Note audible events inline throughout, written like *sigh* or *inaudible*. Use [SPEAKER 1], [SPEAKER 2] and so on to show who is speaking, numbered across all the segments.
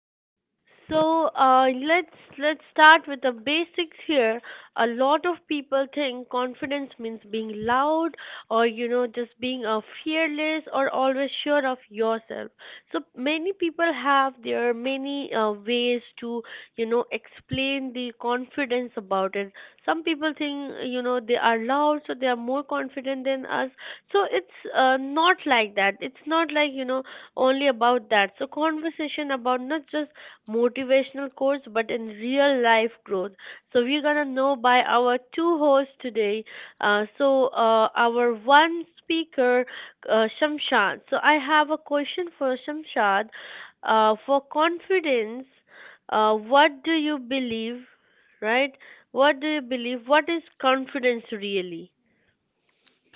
[SPEAKER 1] Yes. So let's start with the basics here. A lot of people think confidence means being loud or, just being fearless or always sure of yourself. So many people have their many ways to, explain the confidence about it. Some people think, they are loud, so they are more confident than us, so it's not like that. It's not like, only about that. So conversation about not just motivational quotes, but in real life growth. So we're gonna know by our two hosts today. So our one speaker, Shamshad. So I have a question for Shamshad, for confidence. What do you believe, right? What do you believe? What is confidence really?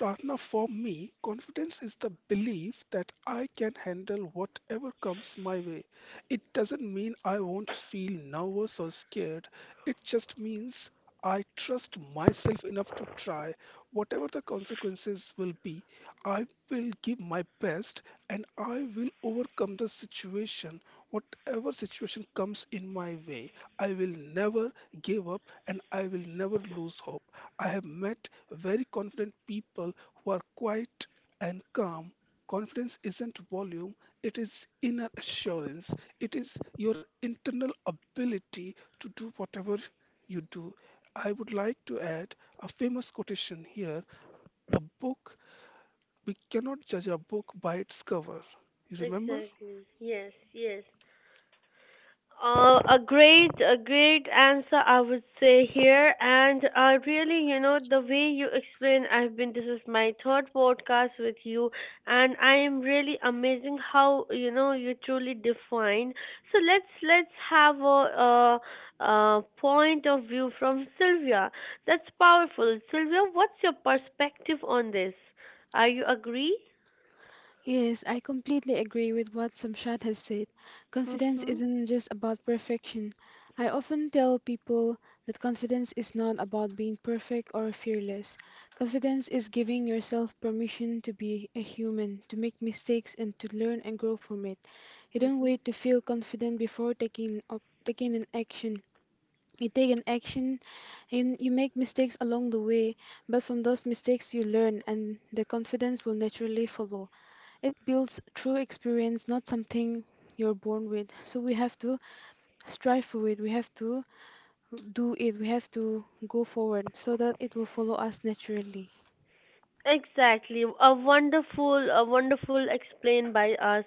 [SPEAKER 2] Ratna, for me, confidence is the belief that I can handle whatever comes my way. It doesn't mean I won't feel nervous or scared. It just means I trust myself enough to try. Whatever the consequences will be, I will give my best and I will overcome the situation. Whatever situation comes in my way, I will never give up and I will never lose hope. I have met very confident people who are quiet and calm. Confidence isn't volume, it is inner assurance. It is your internal ability to do whatever you do. I would like to add a famous quotation here a book, we cannot judge a book by its cover. You remember?
[SPEAKER 1] Exactly. Yes, yes. A great answer, I would say here. And really, the way you explain, this is my third podcast with you, and I am really amazing how, you truly define. So let's have a point of view from Sylvia. That's powerful. Sylvia, what's your perspective on this? Are you agree?
[SPEAKER 3] Yes, I completely agree with what Samshad has said. Confidence
[SPEAKER 1] Mm-hmm.
[SPEAKER 3] isn't just about perfection. I often tell people that confidence is not about being perfect or fearless. Confidence is giving yourself permission to be a human, to make mistakes and to learn and grow from it. You don't
[SPEAKER 1] Mm-hmm.
[SPEAKER 3] wait to feel confident before taking an action. You take an action and you make mistakes along the way, but from those mistakes you learn and the confidence will naturally follow. It builds true experience, not something you're born with. So we have to strive for it, we have to do it, we have to go forward so that it will follow us naturally.
[SPEAKER 1] Exactly. A wonderful, explain by us,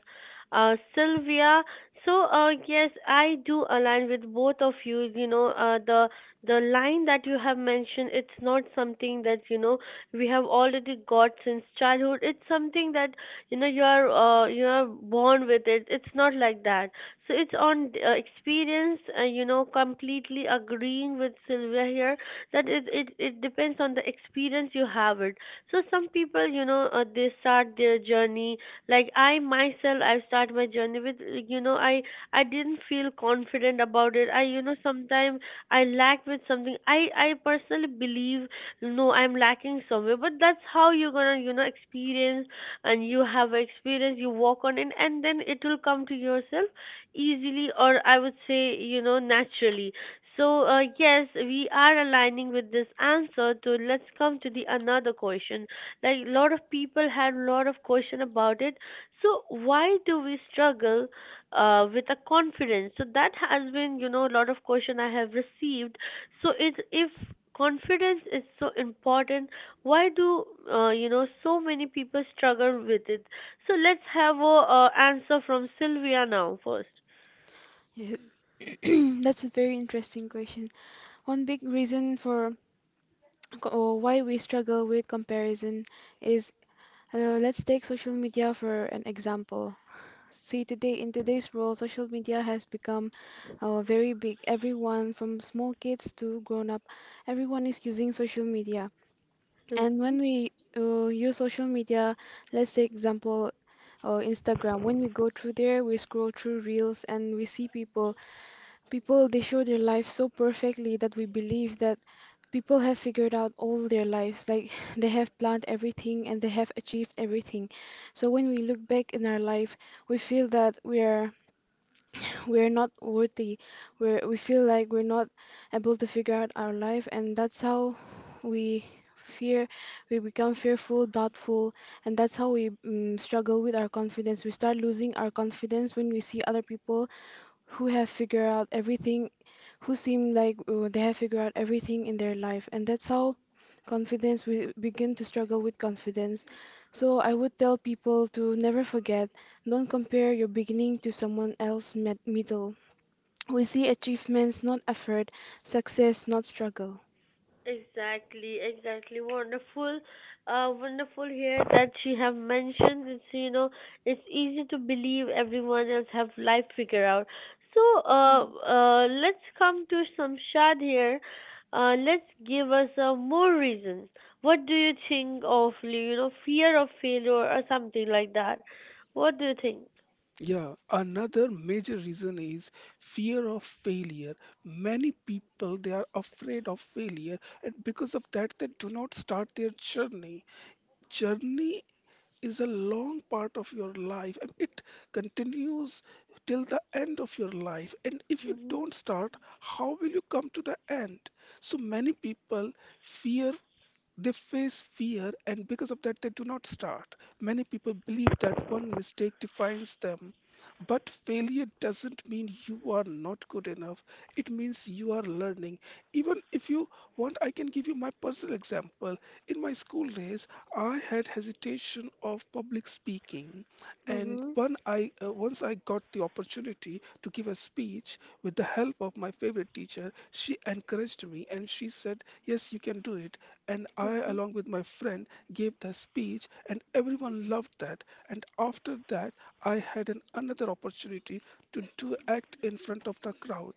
[SPEAKER 1] Sylvia. So, yes, I do align with both of you. The line that you have mentioned, it's not something that, we have already got since childhood. It's something that, you are born with it. It's not like that. So it's on experience. Completely agreeing with Sylvia here that it depends on the experience you have it, so some people, they start their journey. Like I myself, I start my journey with, like, I didn't feel confident about it. I, sometimes I lack with something. I personally believe, no, I'm lacking somewhere. But that's how you're gonna, experience, and you have experience. You walk on it, and then it will come to yourself easily, or I would say, naturally. So yes, we are aligning with this answer. To let's come to the another question. Like a lot of people had a lot of question about it. So why do we struggle with a confidence? So that has been, a lot of question I have received. So it's, if confidence is so important, why do, so many people struggle with it? So let's have a answer from Sylvia now 1st.
[SPEAKER 3] Yeah. *clears throat* That's a very interesting question. One big reason for co- or why we struggle with comparison is let's take social media for an example. See, today in today's world, social media has become very big. Everyone, from small kids to grown up, everyone is using social media. And when we use social media, let's take example Instagram. When we go through there, we scroll through reels and we see people. People they show their life so perfectly that we believe that people have figured out all their lives. Like *laughs* *sighs* they have planned everything and they have achieved everything. So when we look back in our life, we feel that we're not worthy, we feel like we're not able to figure out our life, and that's how we fear, we become fearful, doubtful, and that's how we struggle with our confidence. We start losing our confidence when we see other people who have figured out everything, who seem like they have figured out everything in their life. And that's how confidence we begin to struggle with confidence. So I would tell people to never forget, don't compare your beginning to someone else's middle. We see achievements, not effort, success, not struggle.
[SPEAKER 1] Exactly, exactly. Wonderful here that she have mentioned. It's, it's easy to believe everyone else have life figure out. So, let's come to Samshad here. Let's give us more reasons. What do you think of, fear of failure or something like that? What do you think?
[SPEAKER 2] Yeah, another major reason is fear of failure. Many people they are afraid of failure, and because of that, they do not start their journey. Journey is a long part of your life, and it continues till the end of your life. And if you
[SPEAKER 1] Mhm.
[SPEAKER 2] don't start, how will you come to the end? So many people fear they face fear, and because of that, they do not start. Many people believe that one mistake defines them. But failure doesn't mean you are not good enough. It means you are learning. Even if you want, I can give you my personal example. In my school days, I had hesitation of public speaking, and
[SPEAKER 1] Mhm.
[SPEAKER 2] when I once I got the opportunity to give a speech with the help of my favorite teacher, she encouraged me and she said, "Yes, you can do it and I,
[SPEAKER 1] Mhm.
[SPEAKER 2] along with my friend, gave the speech, and everyone loved that. And after that, I had an, another opportunity to do act in front of the crowd,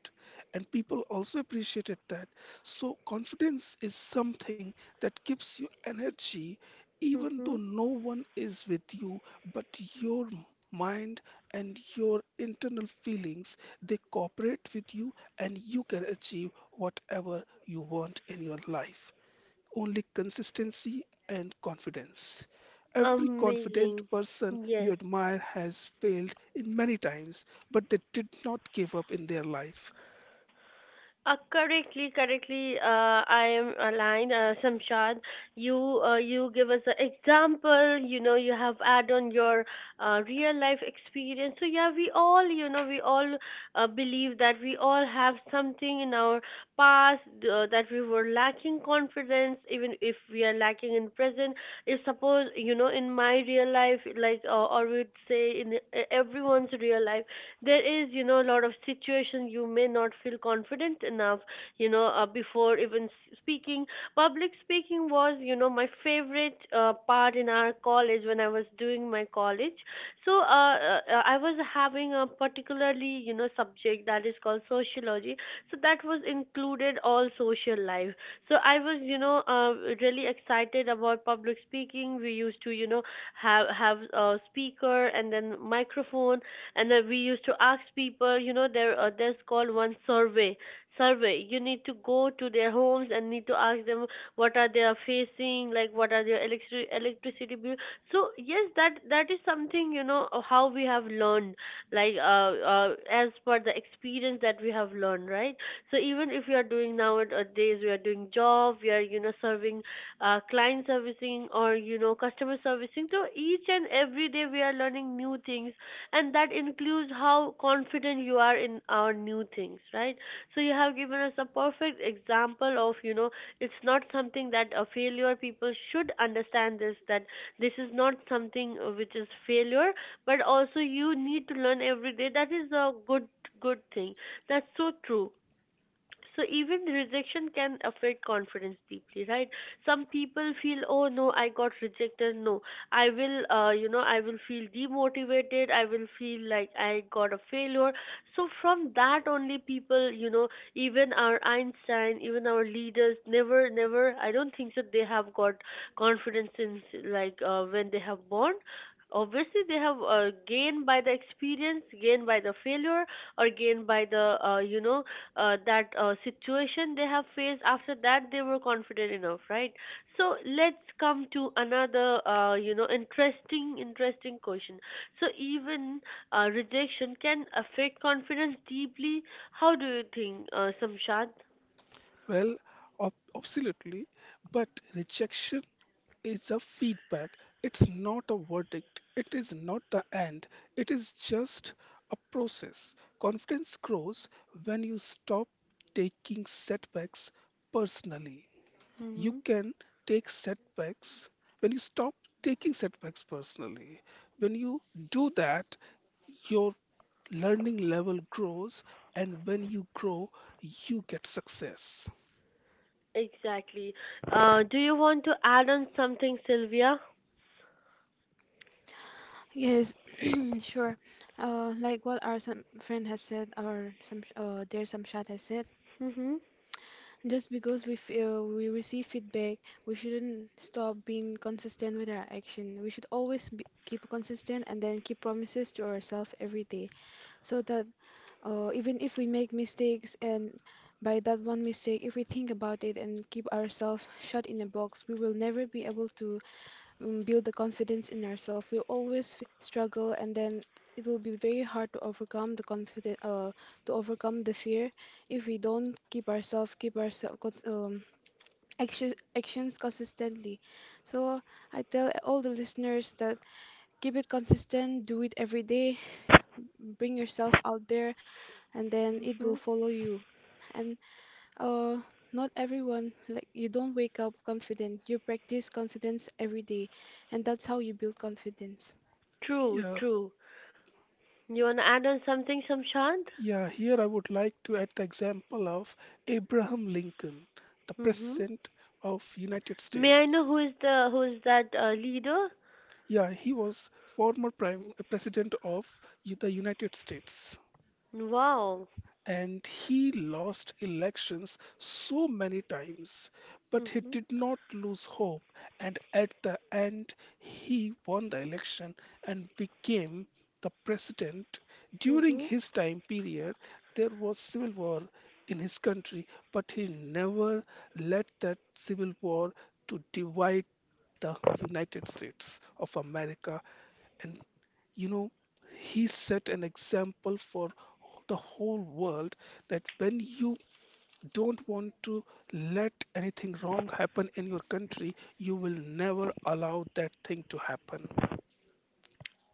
[SPEAKER 2] and people also appreciated that. So confidence is something that gives you energy, even though
[SPEAKER 1] Mhm.
[SPEAKER 2] no one is with you, but your mind and your internal feelings they cooperate with you and you can achieve whatever you want in your life only consistency and confidence. Every confident
[SPEAKER 1] Amazing.
[SPEAKER 2] person you
[SPEAKER 1] Yes.
[SPEAKER 2] admire has failed in many times, but they did not give up in their life.
[SPEAKER 1] Correctly. I am aligned, Samshad. You you give us an example. You have add on your real life experience. So yeah, we all believe that we all have something in our past, that we were lacking confidence. Even if we are lacking in present, if suppose, in my real life, like, or we'd say in, everyone's real life, there is, a lot of situation you may not feel confident enough, before even speaking. Public speaking was, my favorite part in our college when I was doing my college. So I was having a particularly, subject that is called sociology. So that was included all social life. So I was, really excited about public speaking. We used to, have a speaker and then microphone, and then we used to ask people, there, there's called one survey. Survey, you need to go to their homes and need to ask them what are they are facing, like what are their electricity bill. So yes, that is something, how we have learned, like, as per the experience that we have learned, right? So even if we are doing, nowadays we are doing job, we are, serving, client servicing, or customer servicing, so each and every day we are learning new things, and that includes how confident you are in our new things, right? So you have given us a perfect example of, it's not something that a failure. People should understand this, that this is not something which is failure, but also you need to learn every day, that is a good thing. That's so true. So even the rejection can affect confidence deeply, right? Some people feel, oh no, I got rejected. No, I will, I will feel demotivated, I will feel like I got a failure. So from that only, people, even our Einstein, even our leaders, never, I don't think that they have got confidence in, like, when they have born. Obviously they have gained by the experience, gained by the failure, or gained by the, that situation they have faced. After that they were confident enough, right? So let's come to another, interesting question. So even, rejection can affect confidence deeply. How do you think, Samshad?
[SPEAKER 2] Well, absolutely, but rejection is a feedback. It's not a verdict. It is not the end. It is just a process. Confidence grows when you stop taking setbacks personally. You
[SPEAKER 1] Mm-hmm.
[SPEAKER 2] can take setbacks when you stop taking setbacks personally. When you do that, your learning level grows, and when you grow, you get success.
[SPEAKER 1] Exactly. Do you want to add on something, Sylvia?
[SPEAKER 3] Yes, *clears throat* sure. Like what our some friend has said, or some dear Samshad has said,
[SPEAKER 1] Mm-hmm.
[SPEAKER 3] just because we feel we receive feedback, we shouldn't stop being consistent with our action. We should always be, Keep consistent and then keep promises to ourselves every day, so that even if we make mistakes, and by that one mistake, if we think about it and keep ourselves shut in a box, we will never be able to build the confidence in ourselves. We always struggle, and then it will be very hard to overcome the confident, to overcome the fear, if we don't keep ourselves um, actions consistently. So I tell all the listeners that keep it consistent, do it every day, bring yourself out there, and then it will
[SPEAKER 1] Mm-hmm.
[SPEAKER 3] follow you. And uh, not everyone, like, you don't wake up confident. You practice confidence every day, and that's how you build confidence.
[SPEAKER 1] True
[SPEAKER 2] Yeah,
[SPEAKER 1] true. You want to add on something, Samshad?
[SPEAKER 2] yeah, here I would like to add the example of Abraham Lincoln, the
[SPEAKER 1] Mm-hmm.
[SPEAKER 2] president of United
[SPEAKER 1] May I know
[SPEAKER 2] States.
[SPEAKER 1] who is that leader?
[SPEAKER 2] Yeah, he was former prime president of the United States,
[SPEAKER 1] Wow.
[SPEAKER 2] and he lost elections so many times, but he
[SPEAKER 1] Mm-hmm.
[SPEAKER 2] did not lose hope. And at the end, he won the election and became the president. During
[SPEAKER 1] Mm-hmm.
[SPEAKER 2] his time period, there was civil war in his country, but he never let that civil war to divide the United States of America. And you know, he set an example for the whole world that when you don't want to let anything wrong happen in your country, you will never allow that thing to happen.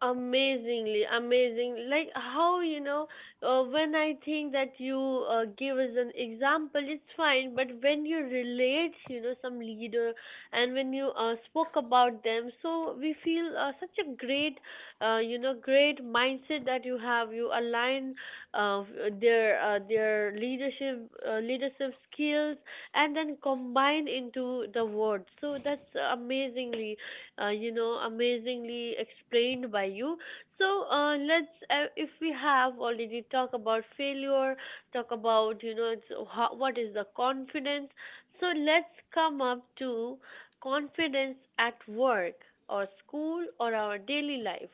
[SPEAKER 1] Amazingly, amazing. Like how, when I think that you give as an example, it's fine, but when you relate, some leader, and when you spoke about them, so we feel such a great mindset that you have. You align uh, their leadership skills, and then combine into the words. So that's amazingly explained by you. So let's, if we have already talked about failure, talk about, what is the confidence. So let's come up to confidence at work or school or our daily life.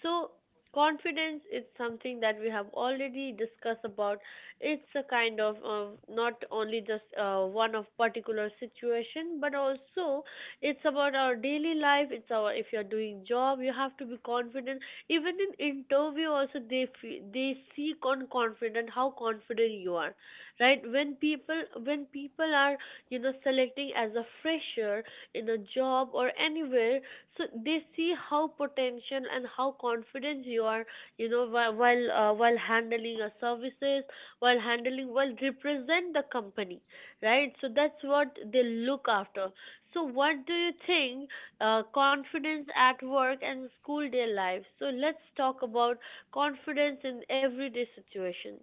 [SPEAKER 1] So confidence is something that we have already discussed about. It's a kind of, not only just one of particular situation, but also it's about our daily life. It's our, if you're doing job, you have to be confident. Even in interview also they they seek on confident, how confident you are, right? When people, are, selecting as a fresher in a job or anywhere, so they see how potential and how confident you are, while while handling your services, while represent the company, right? So that's what they look after. So, what do you think, confidence at work and school day life? So, let's talk about confidence in everyday situation.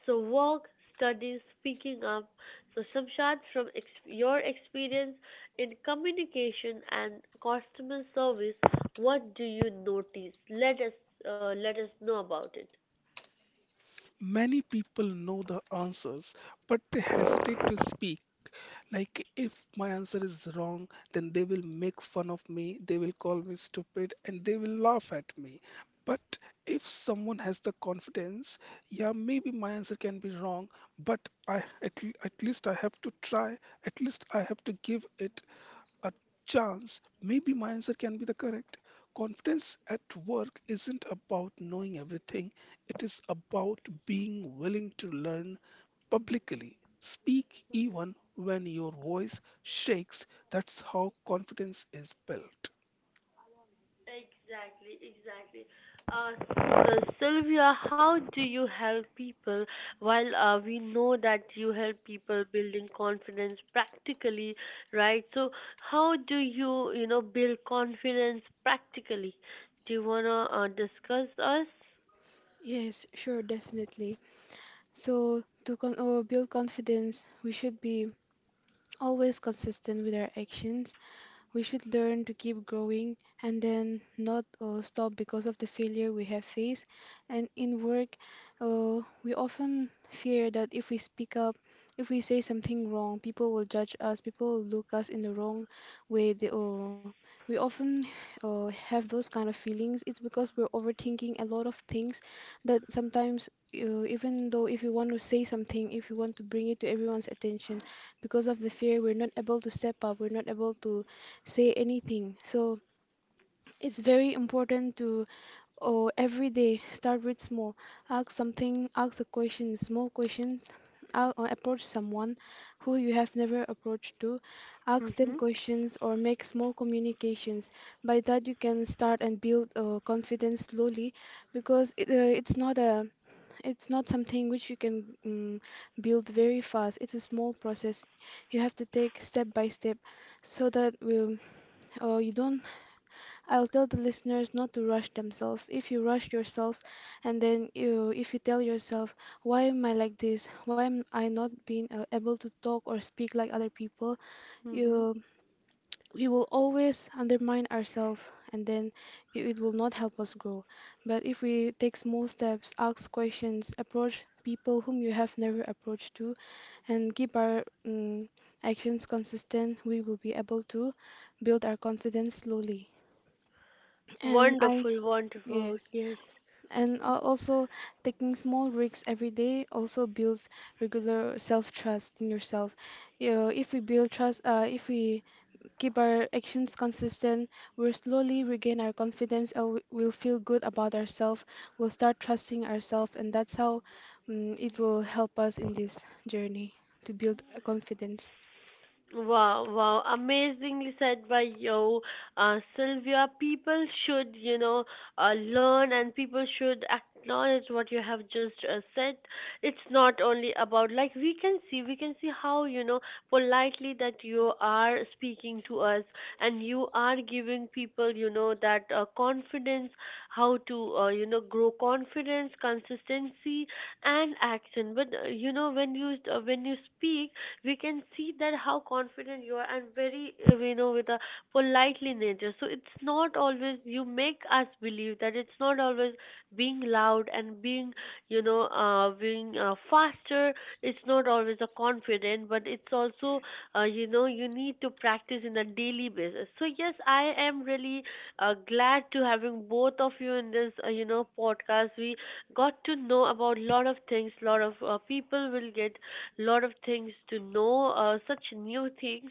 [SPEAKER 1] So, work, studies, speaking up. So, Shamshad, from your experience in communication and customer service, what do you notice? Let us know about it.
[SPEAKER 2] Many people know the answers, but they hesitate to speak. Like, if my answer is wrong, then they will make fun of me, they will call me stupid, and they will laugh at me. But if someone has the confidence, yeah, maybe my answer can be wrong, but at least I have to try, at least I have to give it a chance, maybe my answer can be the correct. Confidence at work isn't about knowing everything, it is about being willing to learn publicly. Speak even when your voice shakes. That's how confidence is built.
[SPEAKER 1] Exactly, exactly. Uh, Sylvia, how do you help people? While we know that you help people building confidence practically, right? So, how do you, build confidence practically? Do you wanna discuss us?
[SPEAKER 3] Yes, sure, definitely. So, to con build confidence, we should be always consistent with our actions. We should learn to keep growing and then not stop because of the failure we have faced. And in work, we often fear that if we speak up, if we say something wrong, people will judge us, people will look us in the wrong way. We often have those kind of feelings. It's because we're overthinking a lot of things, that sometimes, even though if you want to say something, if you want to bring it to everyone's attention, because of the fear, we're not able to step up, we're not able to say anything. So it's very important to, oh, every day start with small. Ask something, ask a question, small question. Or approach someone who you have never approached to. Ask them
[SPEAKER 1] Mhm.
[SPEAKER 3] questions or make small communications. By that you can start and build confidence slowly, because it's not something which you can build very fast. It's a small process. You have to take step by step, so that we, you don't I'll tell the listeners not to rush themselves. If you rush yourselves and then if you tell yourself, why am I like this? Why am I not being able to talk or speak like other people?
[SPEAKER 1] Mhm.
[SPEAKER 3] You, we will always undermine ourselves, and then it will not help us grow. But if we take small steps, ask questions, approach people whom you have never approached to, and keep our actions consistent, we will be able to build our confidence slowly. And I,
[SPEAKER 1] Wonderful, wonderful.
[SPEAKER 3] yes.
[SPEAKER 1] Yes.
[SPEAKER 3] And also, taking small risks every day also builds regular self-trust in yourself. You know, if we build trust, if we keep our actions consistent, we'll slowly regain our confidence and we'll feel good about ourselves. We'll start trusting ourselves, and that's how it will help us in this journey to build a confidence.
[SPEAKER 1] Wow, wow, amazingly said by you, Sylvia. People should, learn, and people should acknowledge what you have just said. It's not only about, like, we can see how, politely that you are speaking to us, and you are giving people, that confidence, how to, grow confidence, consistency, and action. But, when you, when you speak, we can see that how confident you are, and very with a politely nature. So it's not always, you make us believe that it's not always being loud and being, being faster. It's not always a confident, but it's also, you need to practice in a daily basis. So yes, I am really glad to having both of you in this, podcast. We got to know about lot of things, lot of, people will get lot of things to know, such new things.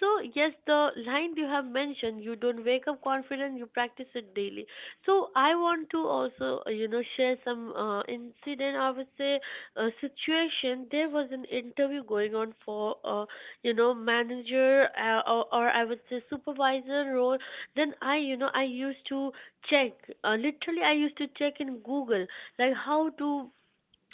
[SPEAKER 1] So yes, the line you have mentioned, you don't wake up confident, you practice it daily. So I want to also, share some incident, I would say situation. There was an interview going on for, manager or I would say supervisor role. Then I used to check. Literally, I used to check in Google, like how to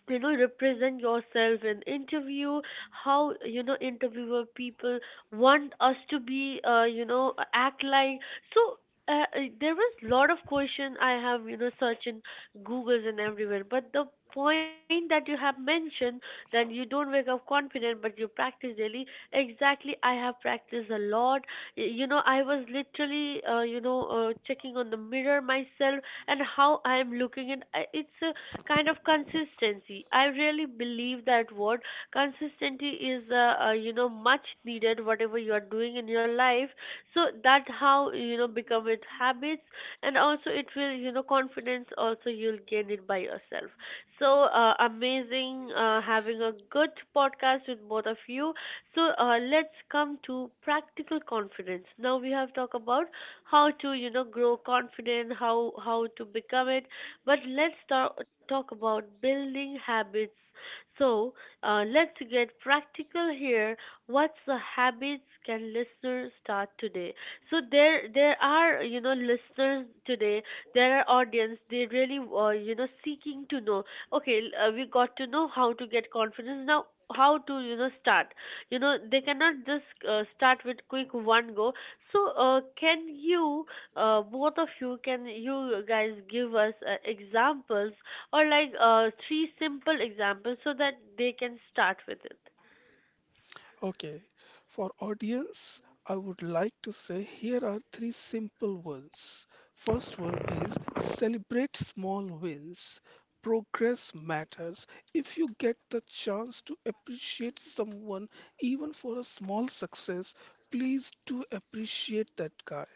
[SPEAKER 1] represent yourself in interview, how interviewer people want us to be, act like. So there was lot of question I have search in googles and everywhere, but the point that you have mentioned, that you don't wake up confident but you practice daily, exactly I have practiced a lot. I was literally checking on the mirror myself and how I am looking, and it's a kind of consistency. I really believe that word consistency is, much needed. Whatever you are doing in your life, so that how become it habits, and also it will, confidence. Also, you'll gain it by yourself. So amazing, having a good podcast with both of you. So let's come to practical confidence. Now we have talked about how to grow confident, how to become it, but let's talk about building habits. So let's get practical here. What's the habits can listeners start today? So there are listeners today. There are audience. They really seeking to know. Okay, we got to know how to get confidence now. How to start? You know they cannot just start with quick one go. So can you? Both of you, can you guys give us examples, or like three simple examples, so that they can start with it.
[SPEAKER 2] Okay, for audience, I would like to say here are three simple ones. First one is celebrate small wins. Progress matters. If you get the chance to appreciate someone even for a small success, please do appreciate that guy.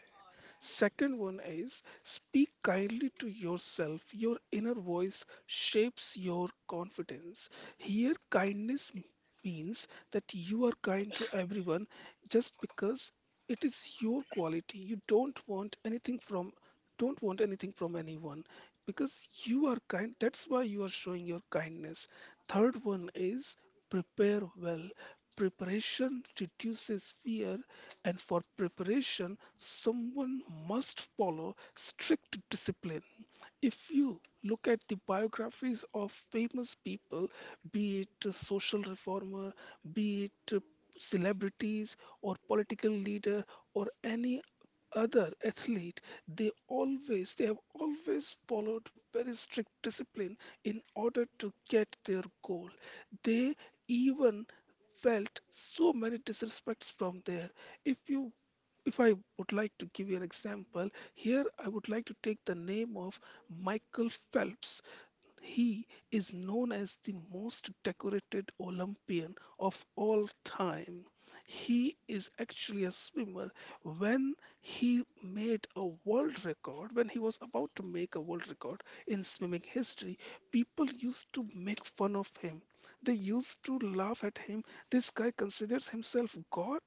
[SPEAKER 2] Second one is speak kindly to yourself. Your inner voice shapes your confidence. Here, kindness means that you are kind to everyone just because it is your quality. You don't want anything from anyone because you are kind. That's why you are showing your kindness. Third one is prepare well. Preparation reduces fear and for preparation someone must follow strict discipline. If you look at the biographies of famous people, be it a social reformer, be it celebrities or political leader or any other athlete, they have always followed very strict discipline in order to get their goal. They even felt so many disrespects from there. If you if I would like to give you an example, here I would like to take the name of Michael Phelps. He is known as the most decorated Olympian of all time. He is actually a swimmer. When he made a world record, when he was about to make a world record in swimming history, people used to make fun of him. They used to laugh at him. This guy considers himself God.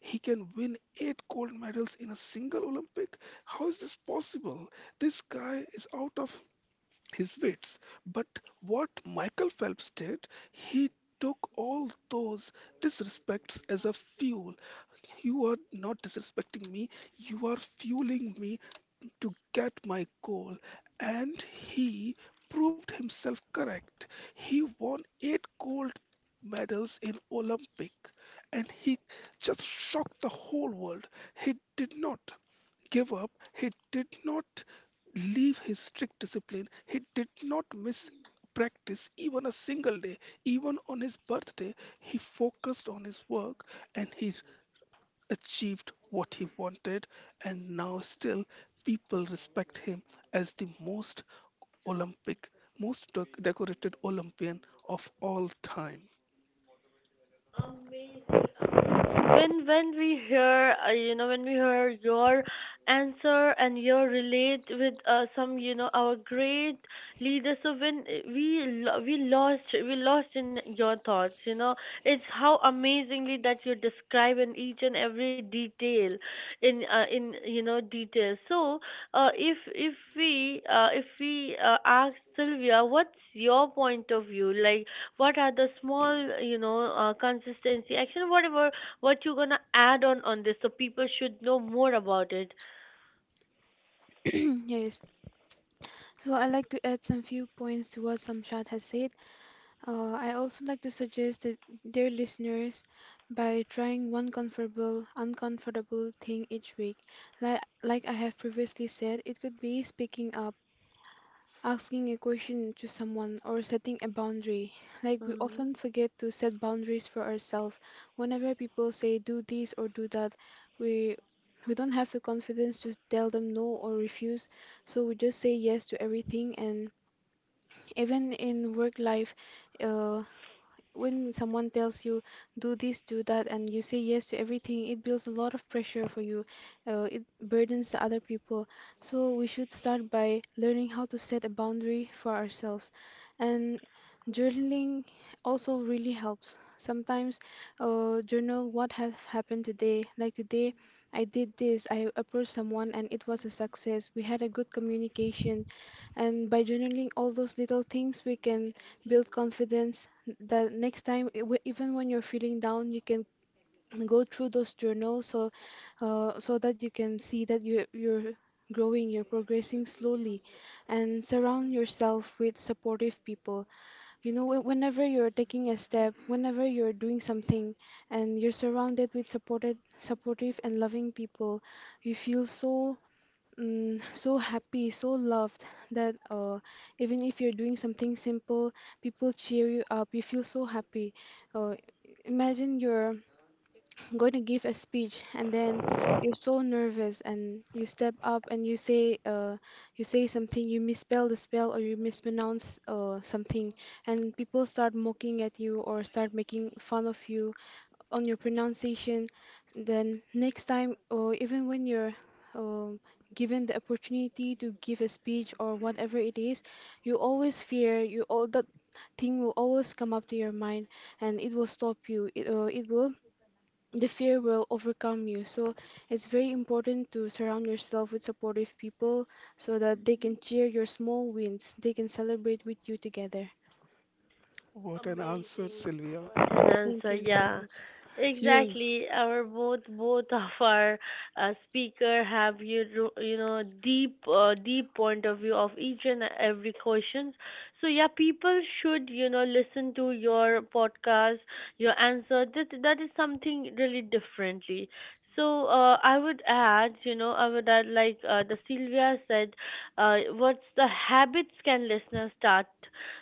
[SPEAKER 2] He can win eight gold medals in a single Olympic. How is this possible? This guy is out of his weights. But what Michael Phelps did, he took all those disrespects as a fuel. You are not disrespecting me, you are fueling me to get my goal. And he proved himself correct. He won eight gold medals in Olympic and he just shocked the whole world. He did not give up. He did not leave his strict discipline. He did not miss practice even a single day. Even on his birthday, he focused on his work and he achieved what he wanted. And now, still, people respect him as the most Olympic, most decorated Olympian of all time.
[SPEAKER 1] When we hear, when we hear your answer and your relate with some, our great leaders, so when we we lost in your thoughts, you know it's how amazingly that you describe in each and every detail, in detail. So if we, if we ask Sylvia, what's your point of view, like what are the small, consistency action, whatever, what you gonna add on this, so people should know more about it.
[SPEAKER 3] *clears throat* Yes. So I'd like to add some few points to what Samshad has said. I also like to suggest that their listeners by trying one uncomfortable thing each week. Like I have previously said, it could be speaking up, asking a question to someone, or setting a boundary. Like, we
[SPEAKER 1] Mm-hmm.
[SPEAKER 3] often forget to set boundaries for ourselves. Whenever people say do this or do that, we we don't have the confidence to tell them no or refuse, so we just say yes to everything. And even in work life, uh, when someone tells you do this, do that, and you say yes to everything, it builds a lot of pressure for you. It burdens the other people. So we should start by learning how to set a boundary for ourselves. And journaling also really helps. Sometimes journal what have happened today. Like today, I did this. I approached someone and it was a success. We had a good communication. And by journaling all those little things, we can build confidence, that next time, even when you're feeling down you can *clears throat* go through those journals. So so that you can see that you're growing, you're progressing slowly. And surround yourself with supportive people. You know, whenever you're taking a step, whenever you're doing something and you're surrounded with supported supportive and loving people, you feel so so happy, so loved, that even if you're doing something simple, people cheer you up. You feel so happy. Uh, Imagine you're *clears throat* going to give a speech and then you're so nervous and you step up and you say something, you misspell the spell or you mispronounce something, and people start mocking at you or start making fun of you on your pronunciation. Then next time, or even when you're um, given the opportunity to give a speech or whatever it is, you always fear. You, all that thing will always come up to your mind, and it will stop you. It it will The fear will overcome you. So it's very important to surround yourself with supportive people so that they can cheer your small wins. They can celebrate with you together.
[SPEAKER 2] What an answer,
[SPEAKER 1] Amazing
[SPEAKER 2] Sylvia.
[SPEAKER 1] answer, yeah.
[SPEAKER 2] Yes.
[SPEAKER 1] Exactly, our both of our speaker have you ro- you know deep deep point of view of each and every questions. So yeah, people should listen to your podcast. Your answer, that is something really differently. So I would add, I would add like, the Sylvia said, what's the habits can listeners start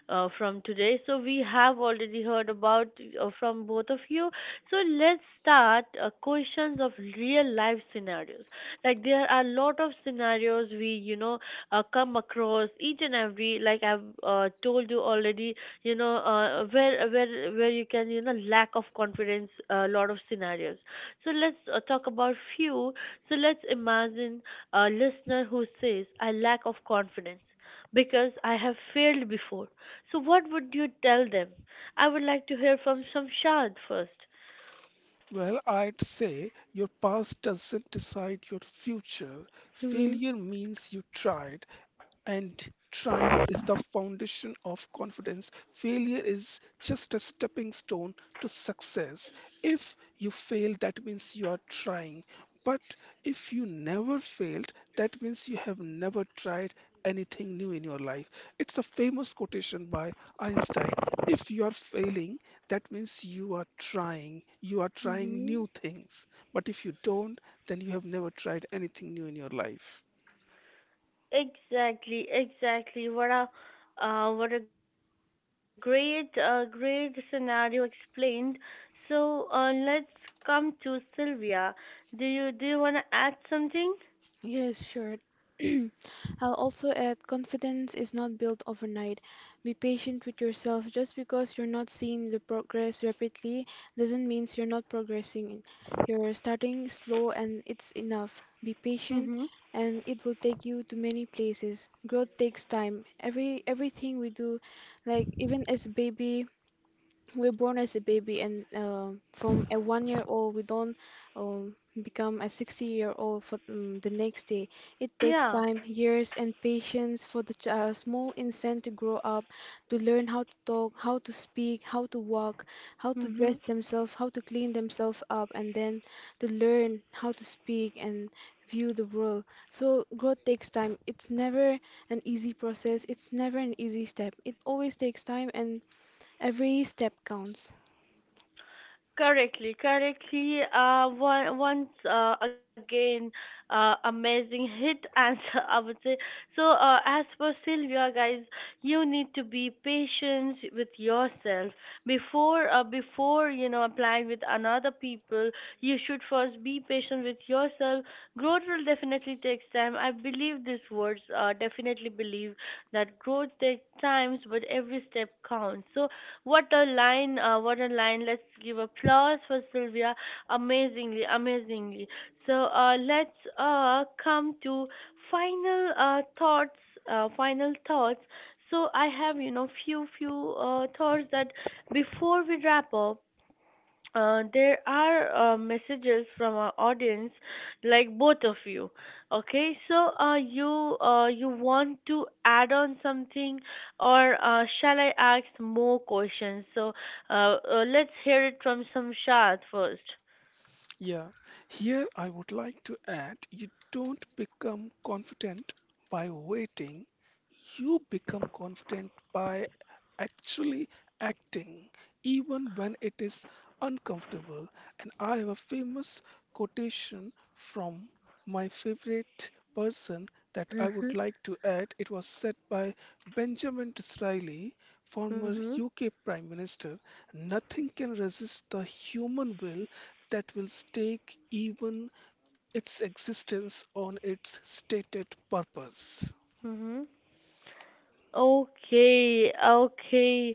[SPEAKER 1] from today? So we have already heard about, from both of you. So let's start questions of real life scenarios. Like there are a lot of scenarios we, come across each and every. Like I've told you already, where where you can, lack of confidence. A lot of scenarios. So let's talk about few, so let's imagine a listener who says, I lack of confidence because I have failed before. So what would you tell them? I would like to hear from Shamshad first.
[SPEAKER 2] Well, I'd say your past doesn't decide your future.
[SPEAKER 1] Mm-hmm.
[SPEAKER 2] Failure means you tried, and trying is the foundation of confidence. Failure is just a stepping stone to success. If you fail, that means you are trying. But if you never failed, that means you have never tried anything new in your life. It's a famous quotation by Einstein. If you are failing, that means you are trying. You are trying
[SPEAKER 1] Mm-hmm.
[SPEAKER 2] new things. But if you don't, then you have never tried anything new in your life.
[SPEAKER 1] Exactly, exactly. What a great, great scenario explained. So let's come to Sylvia. Do you want to add something?
[SPEAKER 3] Yes, sure. *clears throat* I'll also add, confidence is not built overnight. Be patient with yourself. Just because you're not seeing the progress rapidly doesn't mean you're not progressing. You're starting slow and it's enough. Be patient,
[SPEAKER 1] Mm-hmm.
[SPEAKER 3] and it will take you to many places. Growth takes time. Everything we do, like even as baby, we're born as a baby, and from a 1 year old we don't um, become a 60-year-old for, mm, the next day. It takes
[SPEAKER 1] Yeah.
[SPEAKER 3] time, years, and patience for the small infant to grow up, to learn how to talk, how to speak, how to walk, how to
[SPEAKER 1] Mm-hmm.
[SPEAKER 3] dress themselves, how to clean themselves up, and then to learn how to speak and view the world. So growth takes time. It's never an easy process, it's never an easy step. It always takes time, and every step counts.
[SPEAKER 1] Correctly, correctly. Once again, amazing hit answer, *laughs* I would say. So, as for Sylvia, guys, you need to be patient with yourself before, before, applying with another people. You should first be patient with yourself. Growth will definitely take time. I believe these words. Definitely believe that growth takes times, but every step counts. So, what a line, what a line. Let's give applause for Sylvia. Amazingly, amazingly. So let's come to final thoughts, final thoughts. So I have, few thoughts that before we wrap up, there are messages from our audience, like both of you. Okay, so you want to add on something, or shall I ask more questions? So let's hear it from Samshad first.
[SPEAKER 2] Yeah, here I would like to add you don't become confident by waiting, you become confident by actually acting, even when it is uncomfortable. And I have a famous quotation from my favorite person that I would
[SPEAKER 1] Mhm.
[SPEAKER 2] like to add. It was said by Benjamin Disraeli, former
[SPEAKER 1] Mhm.
[SPEAKER 2] UK Prime Minister. Nothing can resist the human will that will stake even its existence on its stated purpose.
[SPEAKER 1] Mhm. Okay, okay.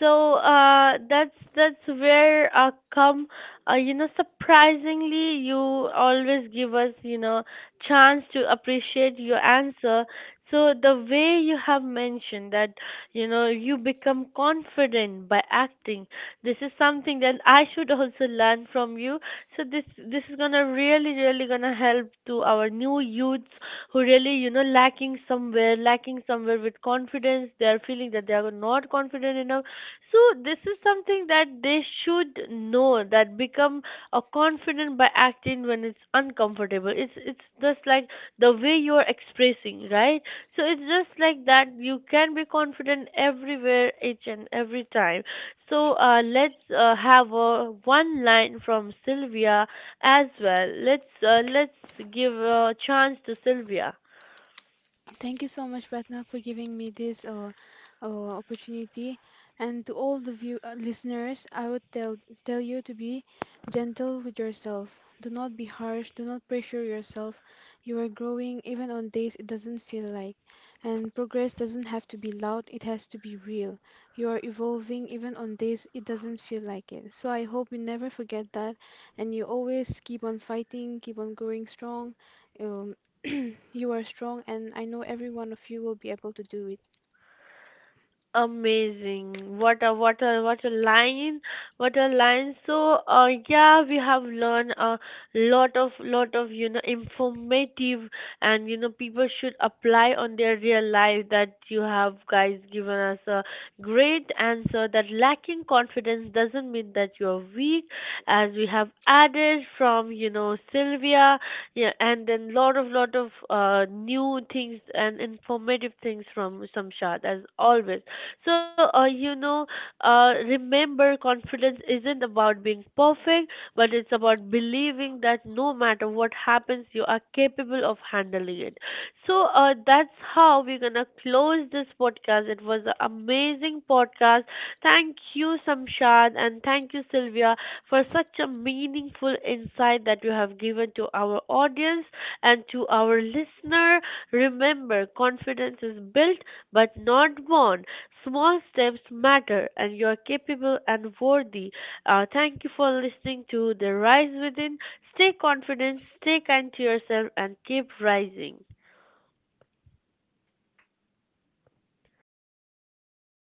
[SPEAKER 1] So that's where come, surprisingly you always give us, chance to appreciate your answer. So the way you have mentioned that, you become confident by acting, this is something that I should also learn from you. So this is gonna really gonna help to our new youths, who really, lacking somewhere with confidence, they are feeling that they are not confident enough. So this is something that they should know, that become a confident by acting when it's uncomfortable. It's just like the way you're expressing, right? So it's just like that you can be confident everywhere, each and every time. So let's have one line from Sylvia as well. Let's give a chance to Sylvia.
[SPEAKER 3] Thank you so much, Ratna, for giving me this opportunity. And to all the view listeners, I would tell you to be gentle with yourself. Do not be harsh. Do not pressure yourself. You are growing even on days it doesn't feel like. And progress doesn't have to be loud. It has to be real. You are evolving even on days it doesn't feel like it. So I hope you never forget that, and you always keep on fighting, keep on growing strong. Um, *clears throat* You are strong, and I know every one of you will be able to do it.
[SPEAKER 1] Amazing! What a what a what a line! What a line! So yeah, we have learned a lot of informative and, people should apply on their real life, that you have guys given us a great answer, that lacking confidence doesn't mean that you are weak, as we have added from, Sylvia, yeah, and then lot of new things and informative things from Samshad as always. So remember, confidence isn't about being perfect, but it's about believing, knowing that no matter what happens, you are capable of handling it. So that's how we're gonna close this podcast. It was an amazing podcast. Thank you, Samshad, and thank you, Sylvia, for such a meaningful insight that you have given to our audience and to our listener. Remember, confidence is built but not born. Small steps matter, and you are capable and worthy. Thank you for listening to The Rise Within. Stay confident, stay kind to yourself, and keep rising.
[SPEAKER 2] Thank you.
[SPEAKER 1] *sighs*